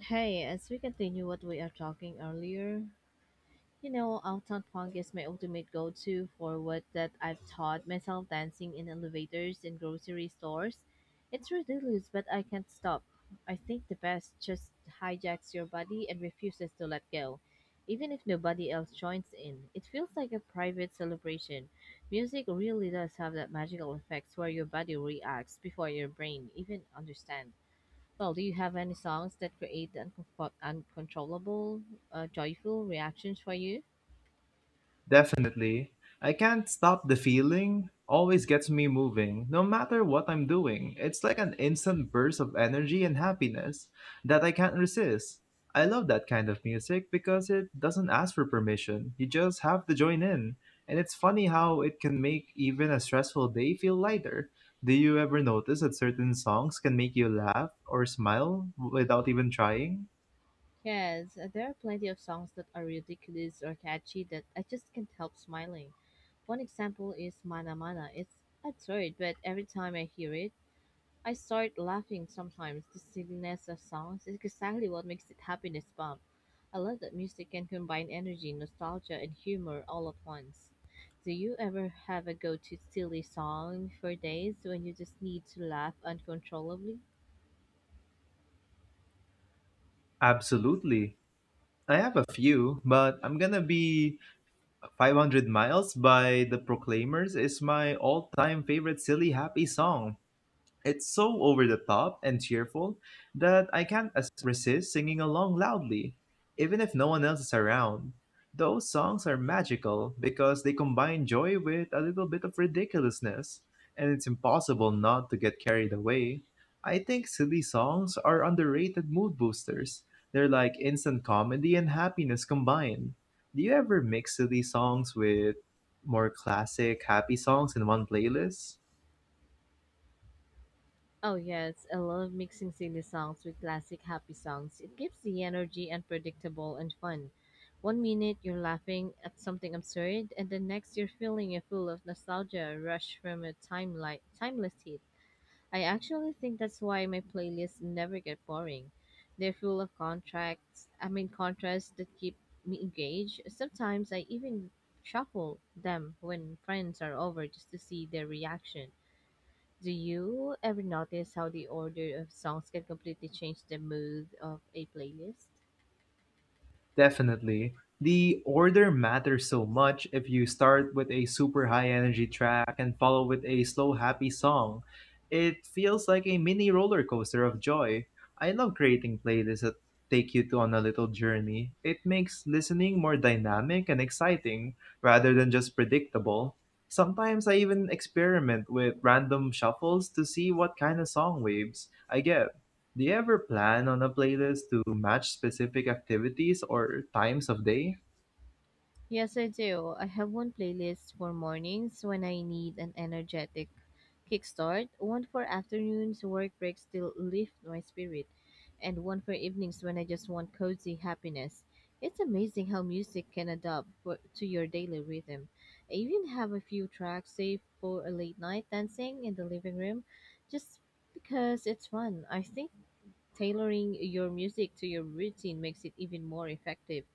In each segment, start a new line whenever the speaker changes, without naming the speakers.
Hey, as we continue what we are talking earlier, you know, Uptown Funk is my ultimate go-to for what that I've taught myself dancing in elevators and grocery stores. It's ridiculous, but I can't stop. I think the best just hijacks your body and refuses to let go. Even if nobody else joins in, it feels like a private celebration. Music really does have that magical effect where your body reacts before your brain even understands. Well, do you have any songs that create uncontrollable, joyful reactions for you?
Definitely. I can't stop the feeling. Always gets me moving, no matter what I'm doing. It's like an instant burst of energy and happiness that I can't resist. I love that kind of music because it doesn't ask for permission. You just have to join in. And it's funny how it can make even a stressful day feel lighter. Do you ever notice that certain songs can make you laugh or smile without even trying?
Yes, there are plenty of songs that are ridiculous or catchy that I just can't help smiling. One example is Mana Mana. It's absurd, but every time I hear it, I start laughing sometimes. The silliness of songs is exactly what makes it happiness bomb. I love that music can combine energy, nostalgia, and humor all at once. Do you ever have a go-to silly song for days when you just need to laugh uncontrollably?
Absolutely. I have a few, but I'm gonna be 500 Miles by The Proclaimers is my all time favorite silly happy song. It's so over the top and cheerful that I can't as- resist singing along loudly, even if no one else is around. Those songs are magical because they combine joy with a little bit of ridiculousness, and it's impossible not to get carried away. I think silly songs are underrated mood boosters. They're like instant comedy and happiness combined. Do you ever mix silly songs with more classic, happy songs in one playlist?
Oh yes, I love mixing silly songs with classic happy songs. It keeps the energy unpredictable and fun. One minute you're laughing at something absurd, and the next you're feeling a full of nostalgia rush from a timeless hit. I actually think that's why my playlists never get boring. They're full of contracts, I mean contrasts that keep me engaged. Sometimes I even shuffle them when friends are over just to see their reaction. Do you ever notice how the order of songs can completely change the mood of a playlist?
Definitely. The order matters so much if you start with a super high energy track and follow with a slow, happy song. It feels like a mini roller coaster of joy. I love creating playlists that take you to on a little journey. It makes listening more dynamic and exciting rather than just predictable. Sometimes I even experiment with random shuffles to see what kind of song waves I get. Do you ever plan on a playlist to match specific activities or times of day?
Yes, I do. I have one playlist for mornings when I need an energetic kickstart, one for afternoons, work breaks still lift my spirit, and one for evenings when I just want cozy happiness. It's amazing how music can to your daily rhythm. I even have a few tracks saved for a late night dancing in the living room just because it's fun. I think tailoring your music to your routine makes it even more effective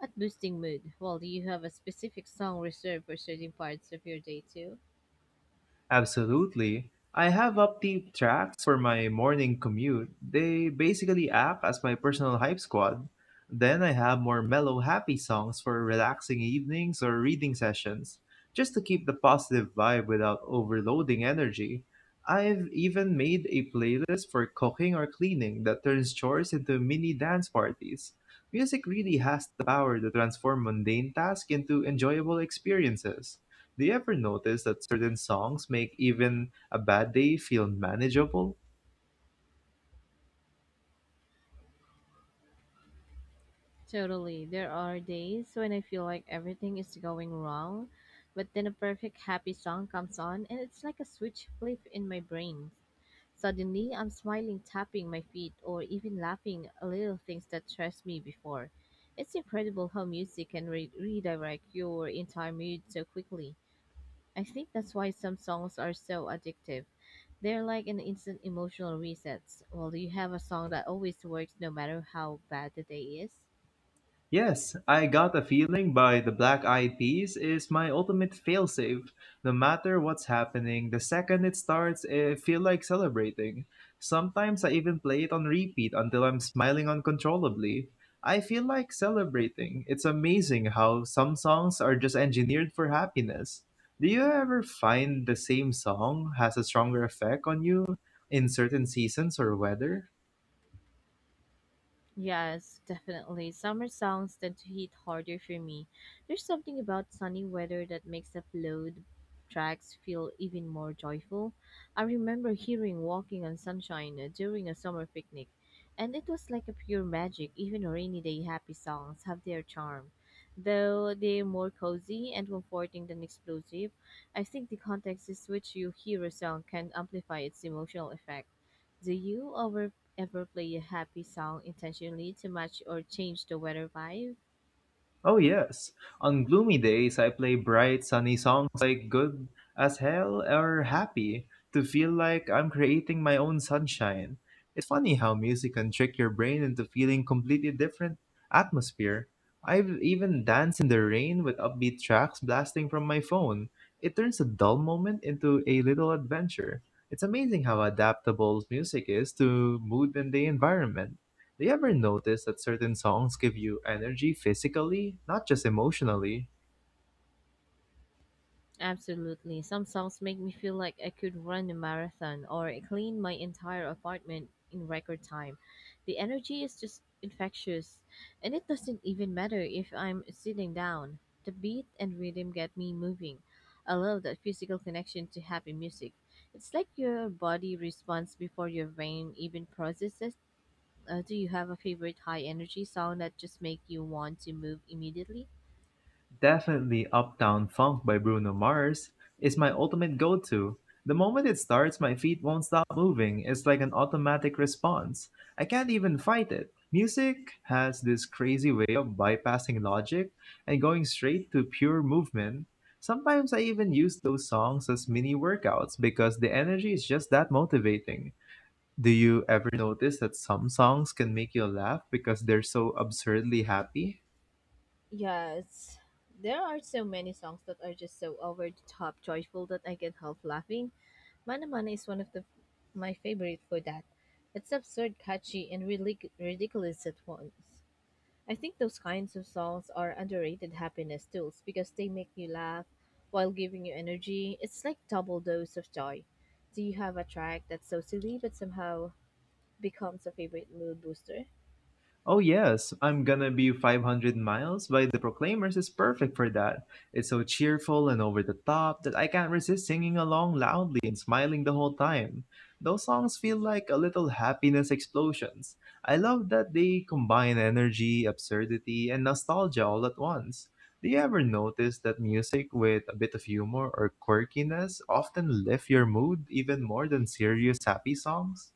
at boosting mood. Well, do you have a specific song reserved for certain parts of your day too?
Absolutely. I have upbeat tracks for my morning commute. They basically act as my personal hype squad. Then I have more mellow, happy songs for relaxing evenings or reading sessions, just to keep the positive vibe without overloading energy. I've even made a playlist for cooking or cleaning that turns chores into mini dance parties. Music really has the power to transform mundane tasks into enjoyable experiences. Do you ever notice that certain songs make even a bad day feel manageable?
Totally. There are days when I feel like everything is going wrong, but then a perfect happy song comes on and it's like a switch flip in my brain. Suddenly, I'm smiling, tapping my feet, or even laughing at little things that stressed me before. It's incredible how music can redirect your entire mood so quickly. I think that's why some songs are so addictive. They're like an instant emotional resets. Well, do you have a song that always works no matter how bad the day is?
Yes, I Got a Feeling by the Black Eyed Peas is my ultimate failsafe. No matter what's happening, the second it starts, I feel like celebrating. Sometimes I even play it on repeat until I'm smiling uncontrollably. I feel like celebrating. It's amazing how some songs are just engineered for happiness. Do you ever find the same song has a stronger effect on you in certain seasons or weather?
Yes, definitely. Summer songs tend to hit harder for me. There's something about sunny weather that makes the upload tracks feel even more joyful. I remember hearing Walking on Sunshine during a summer picnic, and it was like a pure magic. Even rainy day happy songs have their charm. Though they're more cozy and comforting than explosive, I think the context is which you hear a song can amplify its emotional effect. Do you ever Ever play a happy song intentionally to match or change the weather vibe?
Oh, yes. On gloomy days, I play bright, sunny songs like Good as Hell or Happy to feel like I'm creating my own sunshine. It's funny how music can trick your brain into feeling completely different atmosphere. I've even danced in the rain with upbeat tracks blasting from my phone. It turns a dull moment into a little adventure. It's amazing how adaptable music is to mood and the environment. Do you ever notice that certain songs give you energy physically, not just emotionally?
Absolutely. Some songs make me feel like I could run a marathon or clean my entire apartment in record time. The energy is just infectious, and it doesn't even matter if I'm sitting down. The beat and rhythm get me moving. I love that physical connection to happy music. It's like your body responds before your brain even processes. Do you have a favorite high energy song that just make you want to move immediately?
Definitely Uptown Funk by Bruno Mars is my ultimate go to. The moment it starts, my feet won't stop moving. It's like an automatic response. I can't even fight it. Music has this crazy way of bypassing logic and going straight to pure movement. Sometimes I even use those songs as mini workouts because the energy is just that motivating. Do you ever notice that some songs can make you laugh because they're so absurdly happy?
Yes. There are so many songs that are just so over the top joyful that I can't help laughing. Mana Mana is one of the my favorite for that. It's absurd, catchy, and really ridiculous at once. I think those kinds of songs are underrated happiness tools because they make you laugh while giving you energy. It's like double dose of joy. Do you have a track that's so silly but somehow becomes a favorite mood booster?
Oh yes, I'm gonna be 500 Miles by the Proclaimers is perfect for that. It's so cheerful and over the top that I can't resist singing along loudly and smiling the whole time. Those songs feel like a little happiness explosions. I love that they combine energy, absurdity, and nostalgia all at once. Do you ever notice that music with a bit of humor or quirkiness often lift your mood even more than serious happy songs?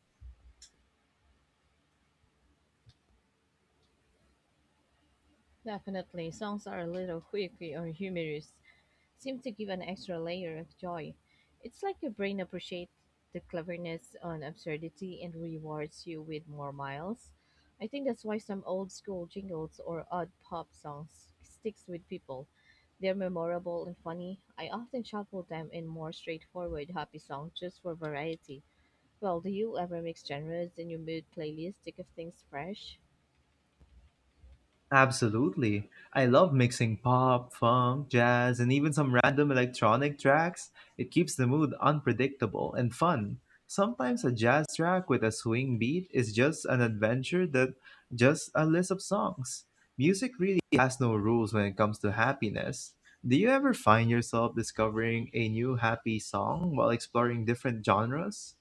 Definitely, songs that are a little quirky or humorous, seem to give an extra layer of joy. It's like your brain appreciates the cleverness and absurdity and rewards you with more miles. I think that's why some old school jingles or odd pop songs sticks with people. They're memorable and funny. I often shuffle them in more straightforward happy songs just for variety. Well, do you ever mix genres in your mood playlist to keep things fresh?
Absolutely. I love mixing pop, funk, jazz, and even some random electronic tracks. It keeps the mood unpredictable and fun. Sometimes a jazz track with a swing beat is just an adventure that just a list of songs. Music really has no rules when it comes to happiness. Do you ever find yourself discovering a new happy song while exploring different genres?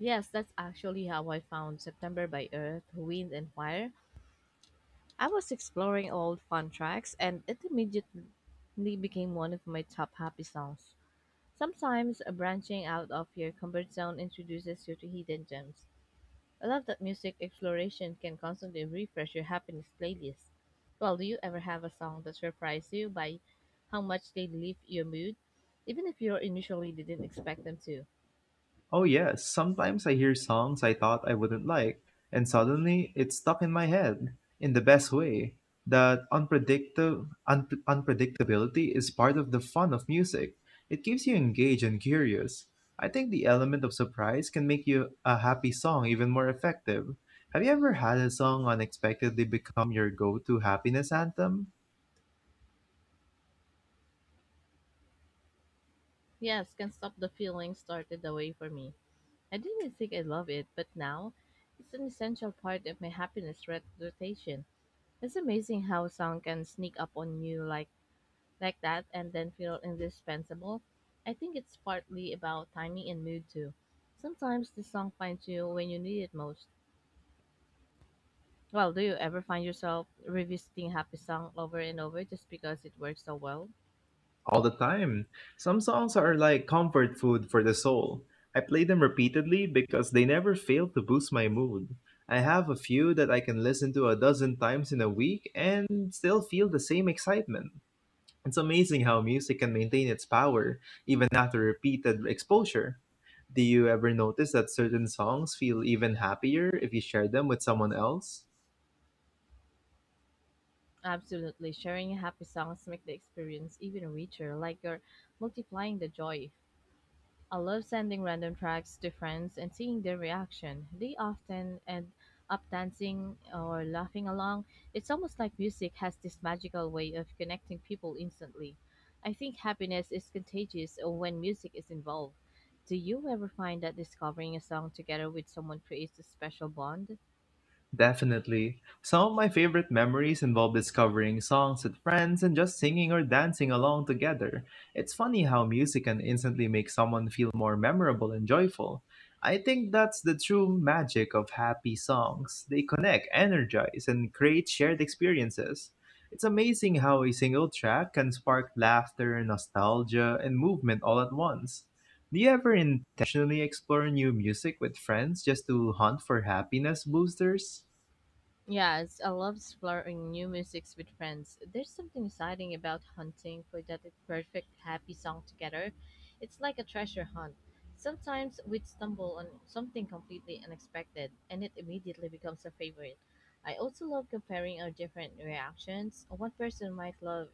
Yes, that's actually how I found September by Earth, Wind and Fire. I was exploring old fun tracks and it immediately became one of my top happy songs. Sometimes branching out of your comfort zone introduces you to hidden gems. I love that music exploration can constantly refresh your happiness playlist. Well, do you ever have a song that surprised you by how much they lift your mood, even if you initially didn't expect them to?
Oh, yes, sometimes I hear songs I thought I wouldn't like, and suddenly it's stuck in my head in the best way. That unpredictability is part of the fun of music. It keeps you engaged and curious. I think the element of surprise can make you a happy song even more effective. Have you ever had a song unexpectedly become your go-to happiness anthem?
Yes, Can Stop the Feeling started the way for me. I didn't think I love it, but now it's an essential part of my happiness rotation. It's amazing how a song can sneak up on you like that and then feel indispensable. I think it's partly about timing and mood too. Sometimes the song finds you when you need it most. Well, do you ever find yourself revisiting happy song over and over just because it works so well?
All the time. Some songs are like comfort food for the soul. I play them repeatedly because they never fail to boost my mood. I have a few that I can listen to a dozen times in a week and still feel the same excitement. It's amazing how music can maintain its power even after repeated exposure. Do you ever notice that certain songs feel even happier if you share them with someone else?
Absolutely. Sharing happy songs make the experience even richer, like you're multiplying the joy. I love sending random tracks to friends and seeing their reaction. They often end up dancing or laughing along. It's almost like music has this magical way of connecting people instantly. I think happiness is contagious when music is involved. Do you ever find that discovering a song together with someone creates a special bond?
Definitely. Some of my favorite memories involve discovering songs with friends and just singing or dancing along together. It's funny how music can instantly make someone feel more memorable and joyful. I think that's the true magic of happy songs. They connect, energize, and create shared experiences. It's amazing how a single track can spark laughter, nostalgia, and movement all at once. Do you ever intentionally explore new music with friends just to hunt for happiness boosters?
Yes, I love exploring new musics with friends. There's something exciting about hunting for that perfect happy song together. It's like a treasure hunt. Sometimes we'd stumble on something completely unexpected, and it immediately becomes a favorite. I also love comparing our different reactions. One person might love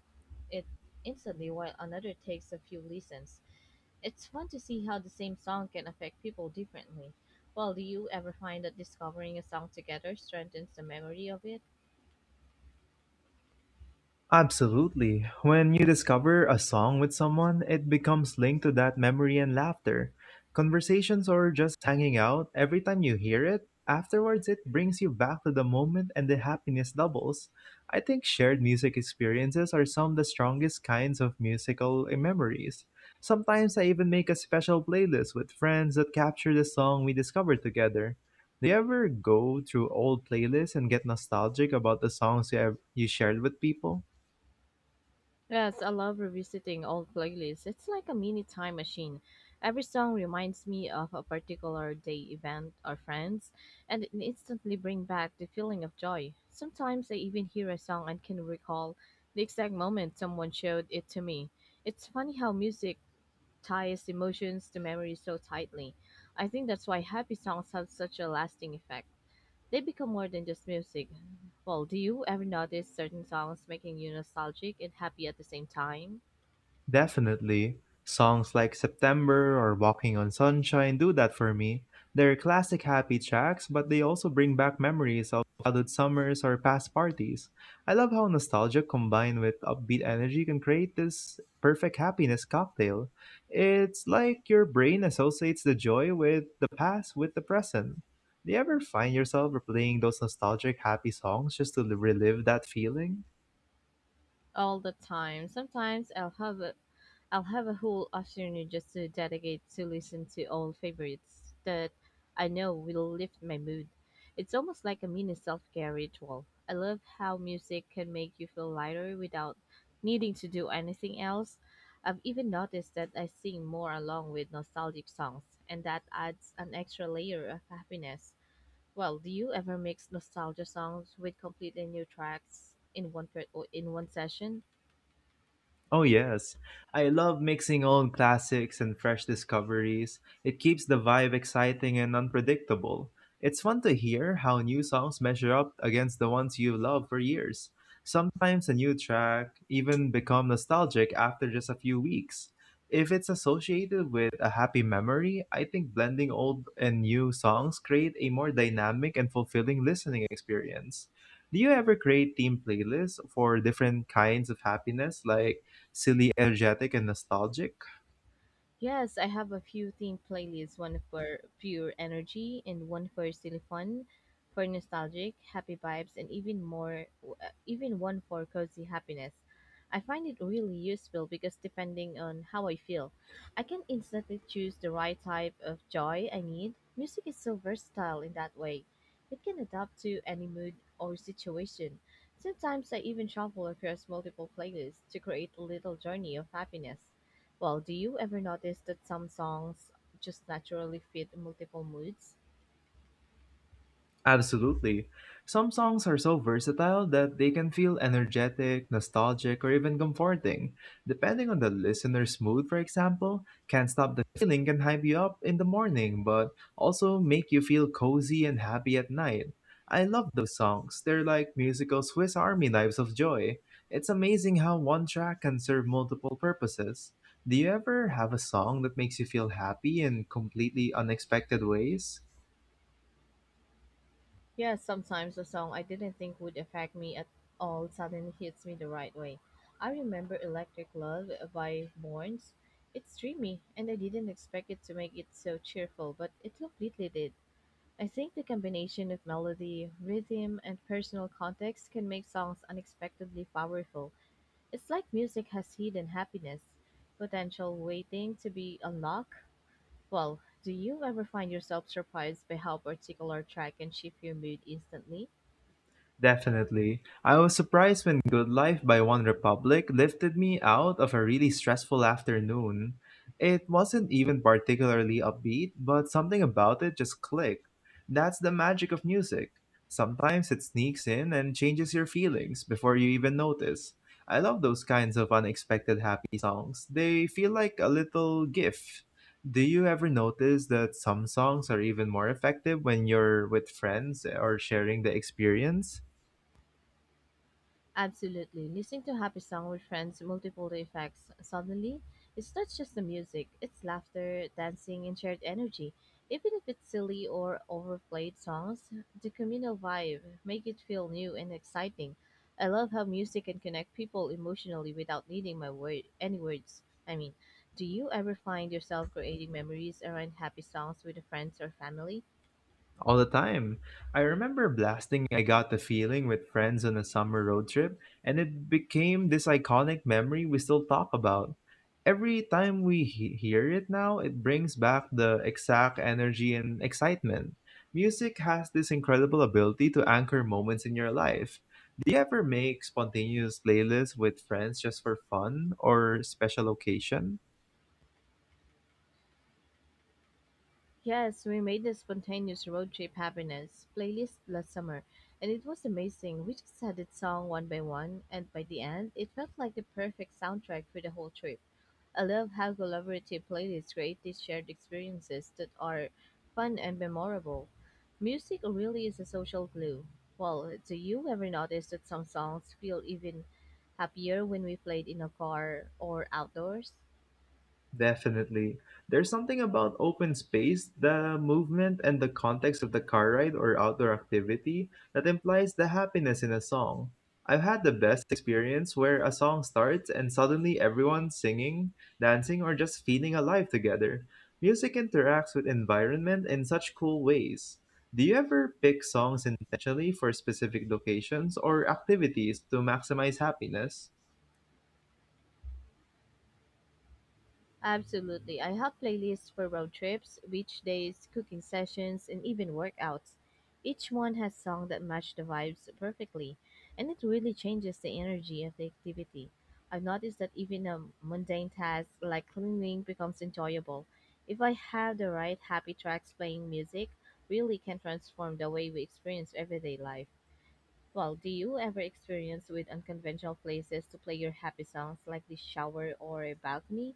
it instantly, while another takes a few listens. It's fun to see how the same song can affect people differently. Well, do you ever find that discovering a song together strengthens the memory of it?
Absolutely. When you discover a song with someone, it becomes linked to that memory and laughter. Conversations or just hanging out, every time you hear it, afterwards it brings you back to the moment and the happiness doubles. I think shared music experiences are some of the strongest kinds of musical memories. Sometimes I even make a special playlist with friends that capture the song we discovered together. Do you ever go through old playlists and get nostalgic about the have you shared with people?
Yes, I love revisiting old playlists. It's like a mini time machine. Every song reminds me of a particular day event or friends, and it instantly brings back the feeling of joy. Sometimes I even hear a song and can recall the exact moment someone showed it to me. It's funny how music ties emotions to memory so tightly. I think that's why happy songs have such a lasting effect. They become more than just music. Well, do you ever notice certain songs making you nostalgic and happy at the same time?
Definitely. Songs like September or Walking on Sunshine do that for me. They're classic happy tracks, but they also bring back memories of childhood summers or past parties. I love how nostalgia combined with upbeat energy can create this perfect happiness cocktail. It's like your brain associates the joy with the past with the present. Do you ever find yourself replaying those nostalgic happy songs just to relive that feeling?
All the time. Sometimes I'll have a whole afternoon just to dedicate to listen to old favorites that I know will lift my mood. It's almost like a mini self-care ritual. I love how music can make you feel lighter without needing to do anything else. I've even noticed that I sing more along with nostalgic songs, and that adds an extra layer of happiness. Well, do you ever mix nostalgia songs with completely new tracks in one per- or in one session?
Oh, yes. I love mixing old classics and fresh discoveries. It keeps the vibe exciting and unpredictable. It's fun to hear how new songs measure up against the ones you've loved for years. Sometimes a new track even become nostalgic after just a few weeks. If it's associated with a happy memory, I think blending old and new songs create a more dynamic and fulfilling listening experience. Do you ever create theme playlists for different kinds of happiness like silly, energetic, and nostalgic.
Yes, I have a few themed playlists, one for pure energy and one for silly fun, for nostalgic, happy vibes, and even more, even one for cozy happiness. I find it really useful because depending on how I feel, I can instantly choose the right type of joy I need. Music is so versatile in that way. It can adapt to any mood or situation. Sometimes I even shuffle across multiple playlists to create a little journey of happiness. Well, do you ever notice that some songs just naturally fit multiple moods?
Absolutely. Some songs are so versatile that they can feel energetic, nostalgic, or even comforting. Depending on the listener's mood, for example, Can't Stop the Feeling can hype you up in the morning, but also make you feel cozy and happy at night. I love those songs. They're like musical Swiss Army knives of joy. It's amazing how one track can serve multiple purposes. Do you ever have a song that makes you feel happy in completely unexpected ways?
Yes, sometimes a song I didn't think would affect me at all suddenly hits me the right way. I remember Electric Love by Borns. It's dreamy, and I didn't expect it to make it so cheerful, but it completely did. I think the combination of melody, rhythm, and personal context can make songs unexpectedly powerful. It's like music has hidden happiness, potential waiting to be unlocked. Well, do you ever find yourself surprised by how particular track can shift your mood instantly?
Definitely. I was surprised when Good Life by One Republic lifted me out of a really stressful afternoon. It wasn't even particularly upbeat, but something about it just clicked. That's the magic of music. Sometimes it sneaks in and changes your feelings before you even notice. I love those kinds of unexpected happy songs. They feel like a little gift. Do you ever notice that some songs are even more effective when you're with friends or sharing the experience?
Absolutely. Listening to a happy song with friends multiple effects suddenly. It's not just the music, it's laughter, dancing, and shared energy. Even if it's silly or overplayed songs, the communal vibe make it feel new and exciting. I love how music can connect people emotionally without needing my word any words. I mean, do you ever find yourself creating memories around happy songs with friends or family?
All the time. I remember blasting I Got the Feeling with friends on a summer road trip, and it became this iconic memory we still talk about. Every time hear it now, it brings back the exact energy and excitement. Music has this incredible ability to anchor moments in your life. Do you ever make spontaneous playlists with friends just for fun or special occasion?
Yes, we made a spontaneous road trip happiness playlist last summer, and it was amazing. We just had it song one by one, and by the end, it felt like the perfect soundtrack for the whole trip. I love how collaborative playlists create these shared experiences that are fun and memorable. Music really is a social glue. Well, do you ever notice that some songs feel even happier when we played in a car or outdoors?
Definitely. There's something about open space, the movement, and the context of the car ride or outdoor activity that implies the happiness in a song. I've had the best experience where a song starts and suddenly everyone's singing, dancing, or just feeling alive together. Music interacts with environment in such cool ways. Do you ever pick songs intentionally for specific locations or activities to maximize happiness?
Absolutely. I have playlists for road trips, beach days, cooking sessions, and even workouts. Each one has songs that match the vibes perfectly, and it really changes the energy of the activity. I've noticed that even a mundane task like cleaning becomes enjoyable. If I have the right happy tracks playing music, really can transform the way we experience everyday life. Well, do you ever experience with unconventional places to play your happy songs like the shower or a balcony?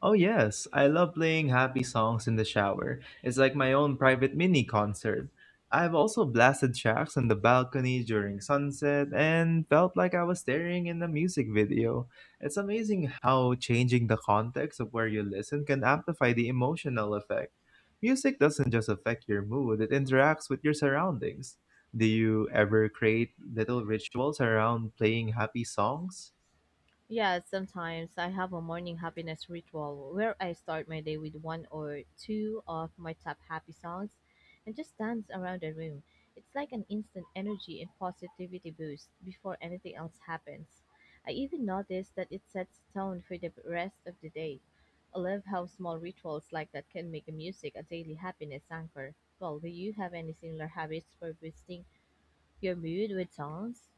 Oh, yes, I love playing happy songs in the shower. It's like my own private mini concert. I've also blasted tracks on the balcony during sunset and felt like I was staring in a music video. It's amazing how changing the context of where you listen can amplify the emotional effect. Music doesn't just affect your mood, it interacts with your surroundings. Do you ever create little rituals around playing happy songs?
Yeah, sometimes I have a morning happiness ritual where I start my day with one or two of my top happy songs and just dance around the room. It's like an instant energy and positivity boost before anything else happens. I even noticed that it sets tone for the rest of the day. I love how small rituals like that can make music a daily happiness anchor. Well, do you have any similar habits for boosting your mood with songs?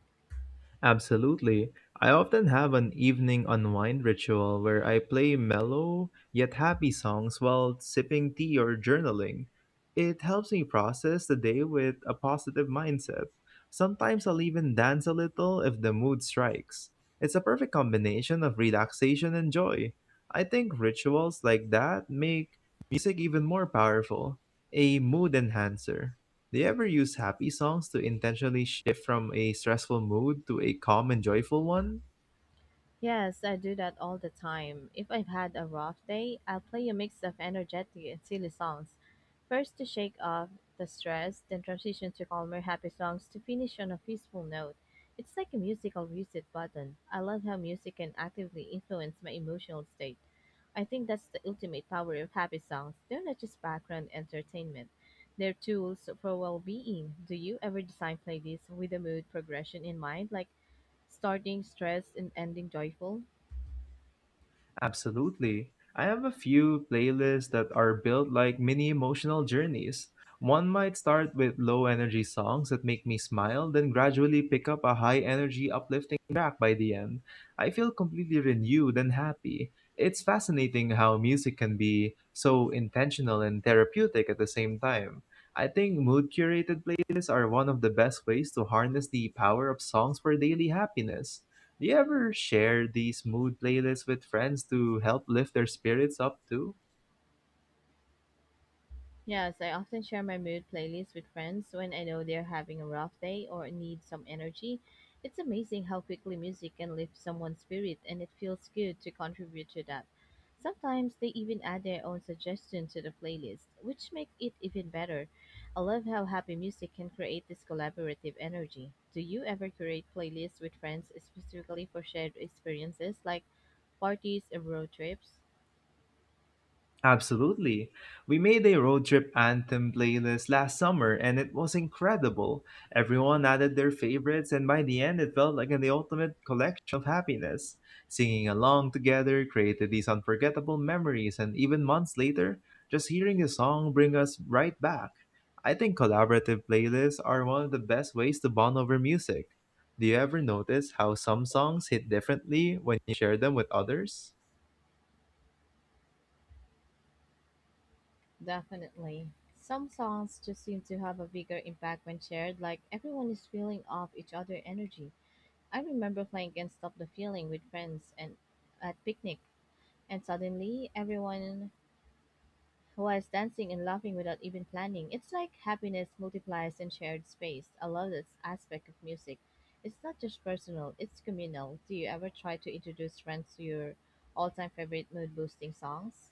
Absolutely. I often have an evening unwind ritual where I play mellow yet happy songs while sipping tea or journaling. It helps me process the day with a positive mindset. Sometimes I'll even dance a little if the mood strikes. It's a perfect combination of relaxation and joy. I think rituals like that make music even more powerful, a mood enhancer. Do you ever use happy songs to intentionally shift from a stressful mood to a calm and joyful one?
Yes, I do that all the time. If I've had a rough day, I'll play a mix of energetic and silly songs. First to shake off the stress, then transition to calmer, happy songs to finish on a peaceful note. It's like a musical reset button. I love how music can actively influence my emotional state. I think that's the ultimate power of happy songs. They're not just background entertainment. They're tools for well-being. Do you ever design playlists with a mood progression in mind, like starting stressed and ending joyful?
Absolutely. I have a few playlists that are built like mini emotional journeys. One might start with low energy songs that make me smile, then gradually pick up a high energy, uplifting track by the end. I feel completely renewed and happy. It's fascinating how music can be so intentional and therapeutic at the same time. I think mood curated playlists are one of the best ways to harness the power of songs for daily happiness. Do you ever share these mood playlists with friends to help lift their spirits up too?
Yes, I often share my mood playlist with friends when I know they're having a rough day or need some energy. It's amazing how quickly music can lift someone's spirit, and it feels good to contribute to that. Sometimes they even add their own suggestion to the playlist, which makes it even better. I love how happy music can create this collaborative energy. Do you ever create playlists with friends specifically for shared experiences like parties and road trips?
Absolutely. We made a road trip anthem playlist last summer and it was incredible. Everyone added their favorites, and by the end, it felt like the ultimate collection of happiness. Singing along together created these unforgettable memories, and even months later, just hearing the song bring us right back. I think collaborative playlists are one of the best ways to bond over music. Do you ever notice how some songs hit differently when you share them with others?
Definitely. Some songs just seem to have a bigger impact when shared, like everyone is feeling off each other energy. I remember playing Can't Stop the Feeling with friends and at picnic, and suddenly everyone was dancing and laughing without even planning. It's like happiness multiplies in shared space. I love this aspect of music. It's not just personal, it's communal. Do you ever try to introduce friends to your all-time favorite mood-boosting songs?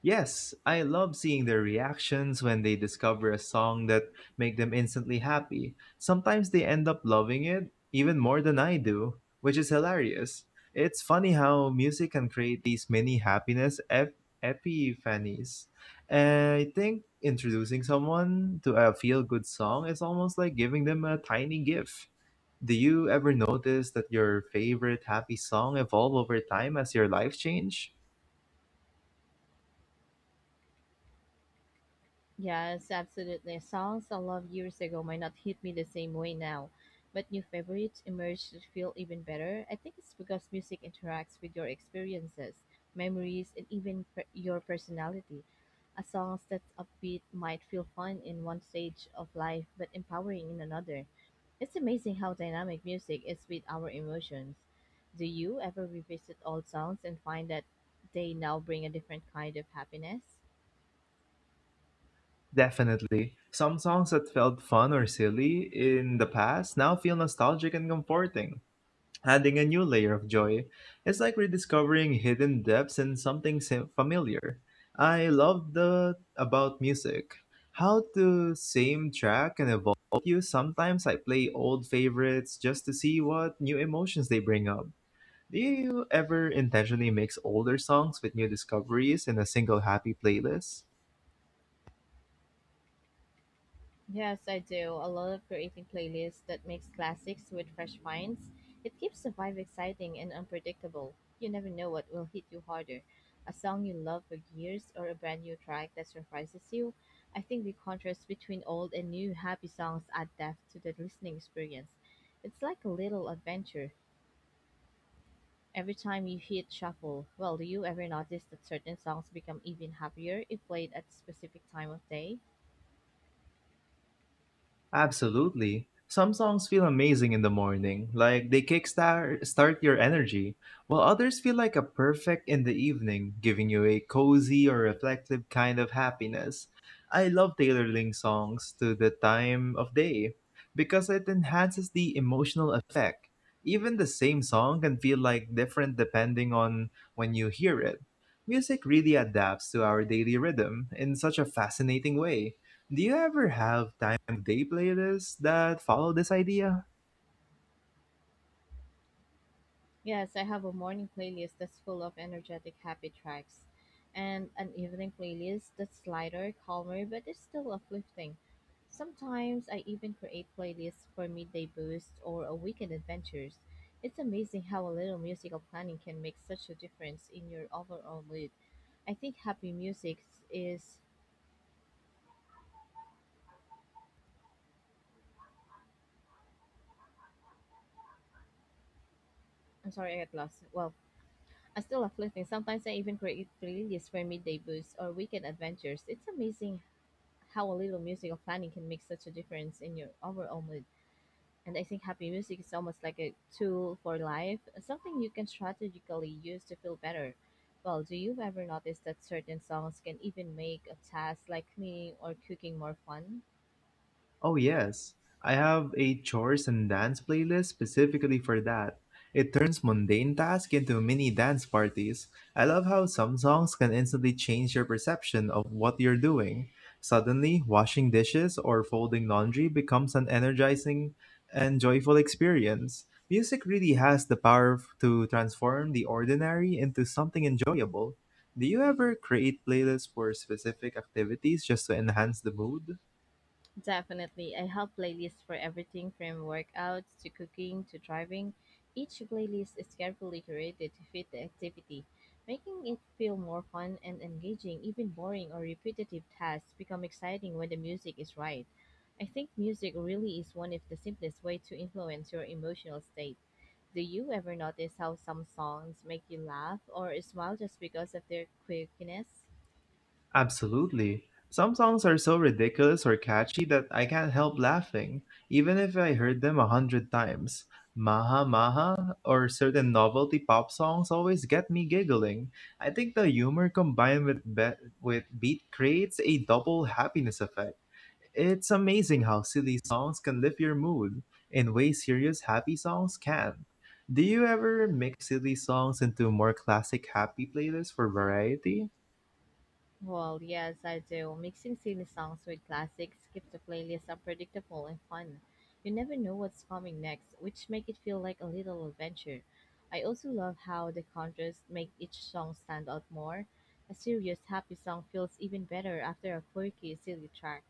Yes, I love seeing their reactions when they discover a song that make them instantly happy. Sometimes they end up loving it even more than I do, which is hilarious. It's funny how music can create these mini happiness epiphanies. And I think introducing someone to a feel-good song is almost like giving them a tiny gift. Do you ever notice that your favorite happy song evolve over time as your life change?
Yes, absolutely. Songs I loved years ago might not hit me the same way now, but new favorites emerge that feel even better. I think it's because music interacts with your experiences, memories, and even your personality. A song that's upbeat might feel fun in one stage of life, but empowering in another. It's amazing how dynamic music is with our emotions. Do you ever revisit old songs and find that they now bring a different kind of happiness?
Definitely. Some songs that felt fun or silly in the past now feel nostalgic and comforting, adding a new layer of joy. It's like rediscovering hidden depths in something familiar. I love the about music. How the same track can evolve you. Sometimes I play old favorites just to see what new emotions they bring up. Do you ever intentionally mix older songs with new discoveries in a single happy playlist?
Yes, I do. I love creating playlists that mix classics with fresh finds. It keeps the vibe exciting and unpredictable. You never know what will hit you harder. A song you love for years or a brand new track that surprises you. I think the contrast between old and new happy songs add depth to the listening experience. It's like a little adventure. Every time you hit shuffle, well, do you ever notice that certain songs become even happier if played at a specific time of day?
Absolutely. Some songs feel amazing in the morning, like they kickstart start your energy, while others feel like a perfect in the evening, giving you a cozy or reflective kind of happiness. I love tailoring songs to the time of day because it enhances the emotional effect. Even the same song can feel like different depending on when you hear it. Music really adapts to our daily rhythm in such a fascinating way. Do you ever have time of day playlists that follow this idea?
Yes, I have a morning playlist that's full of energetic, happy tracks, and an evening playlist that's lighter, calmer, but it's still uplifting. Sometimes I even create playlists for midday boosts or a weekend adventures. It's amazing how a little musical planning can make such a difference in your overall mood. I think happy music is. I'm sorry, I got lost. Well, I'm still uplifting. Sometimes I even create playlists for midday boosts or weekend adventures. It's amazing how a little musical planning can make such a difference in your overall mood. And I think happy music is almost like a tool for life, something you can strategically use to feel better. Well, do you ever notice that certain songs can even make a task like cleaning or cooking more fun?
Oh, yes. I have a chores and dance playlist specifically for that. It turns mundane tasks into mini dance parties. I love how some songs can instantly change your perception of what you're doing. Suddenly, washing dishes or folding laundry becomes an energizing and joyful experience. Music really has the power to transform the ordinary into something enjoyable. Do you ever create playlists for specific activities just to enhance the mood?
Definitely. I have playlists for everything from workouts to cooking to driving. Each playlist is carefully curated to fit the activity, making it feel more fun and engaging. Even boring or repetitive tasks become exciting when the music is right. I think music really is one of the simplest ways to influence your emotional state. Do you ever notice how some songs make you laugh or smile just because of their quirkiness?
Absolutely. Some songs are so ridiculous or catchy that I can't help laughing, even if I heard them a hundred times. Maha Maha or certain novelty pop songs always get me giggling. I think the humor combined with beat creates a double happiness effect. It's amazing how silly songs can lift your mood in ways serious happy songs can. Do you ever mix silly songs into more classic happy playlists for variety?
Well, yes, I do. Mixing silly songs with classics keeps the playlist unpredictable and fun. You never know what's coming next, which make it feel like a little adventure. I also love how the contrast make each song stand out more. A serious, happy song feels even better after a quirky, silly track.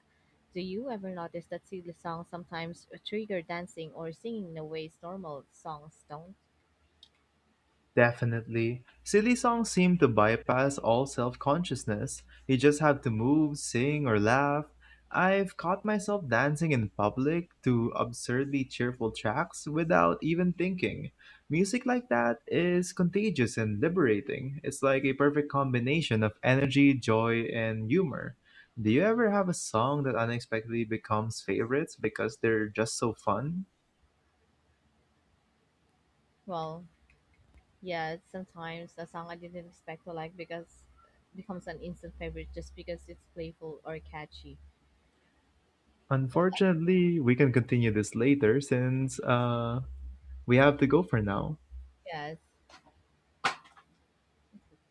Do you ever notice that silly songs sometimes trigger dancing or singing in a ways normal songs don't?
Definitely. Silly songs seem to bypass all self consciousness. You just have to move, sing, or laugh. I've caught myself dancing in public to absurdly cheerful tracks without even thinking. Music like that is contagious and liberating. It's like a perfect combination of energy, joy, and humor. Do you ever have a song that unexpectedly becomes favorites because they're just so fun?
Well, yeah, sometimes a song I didn't expect to like because becomes an instant favorite just because it's playful or catchy. Well,
Unfortunately, we can continue this later since we have to go for now.
yes.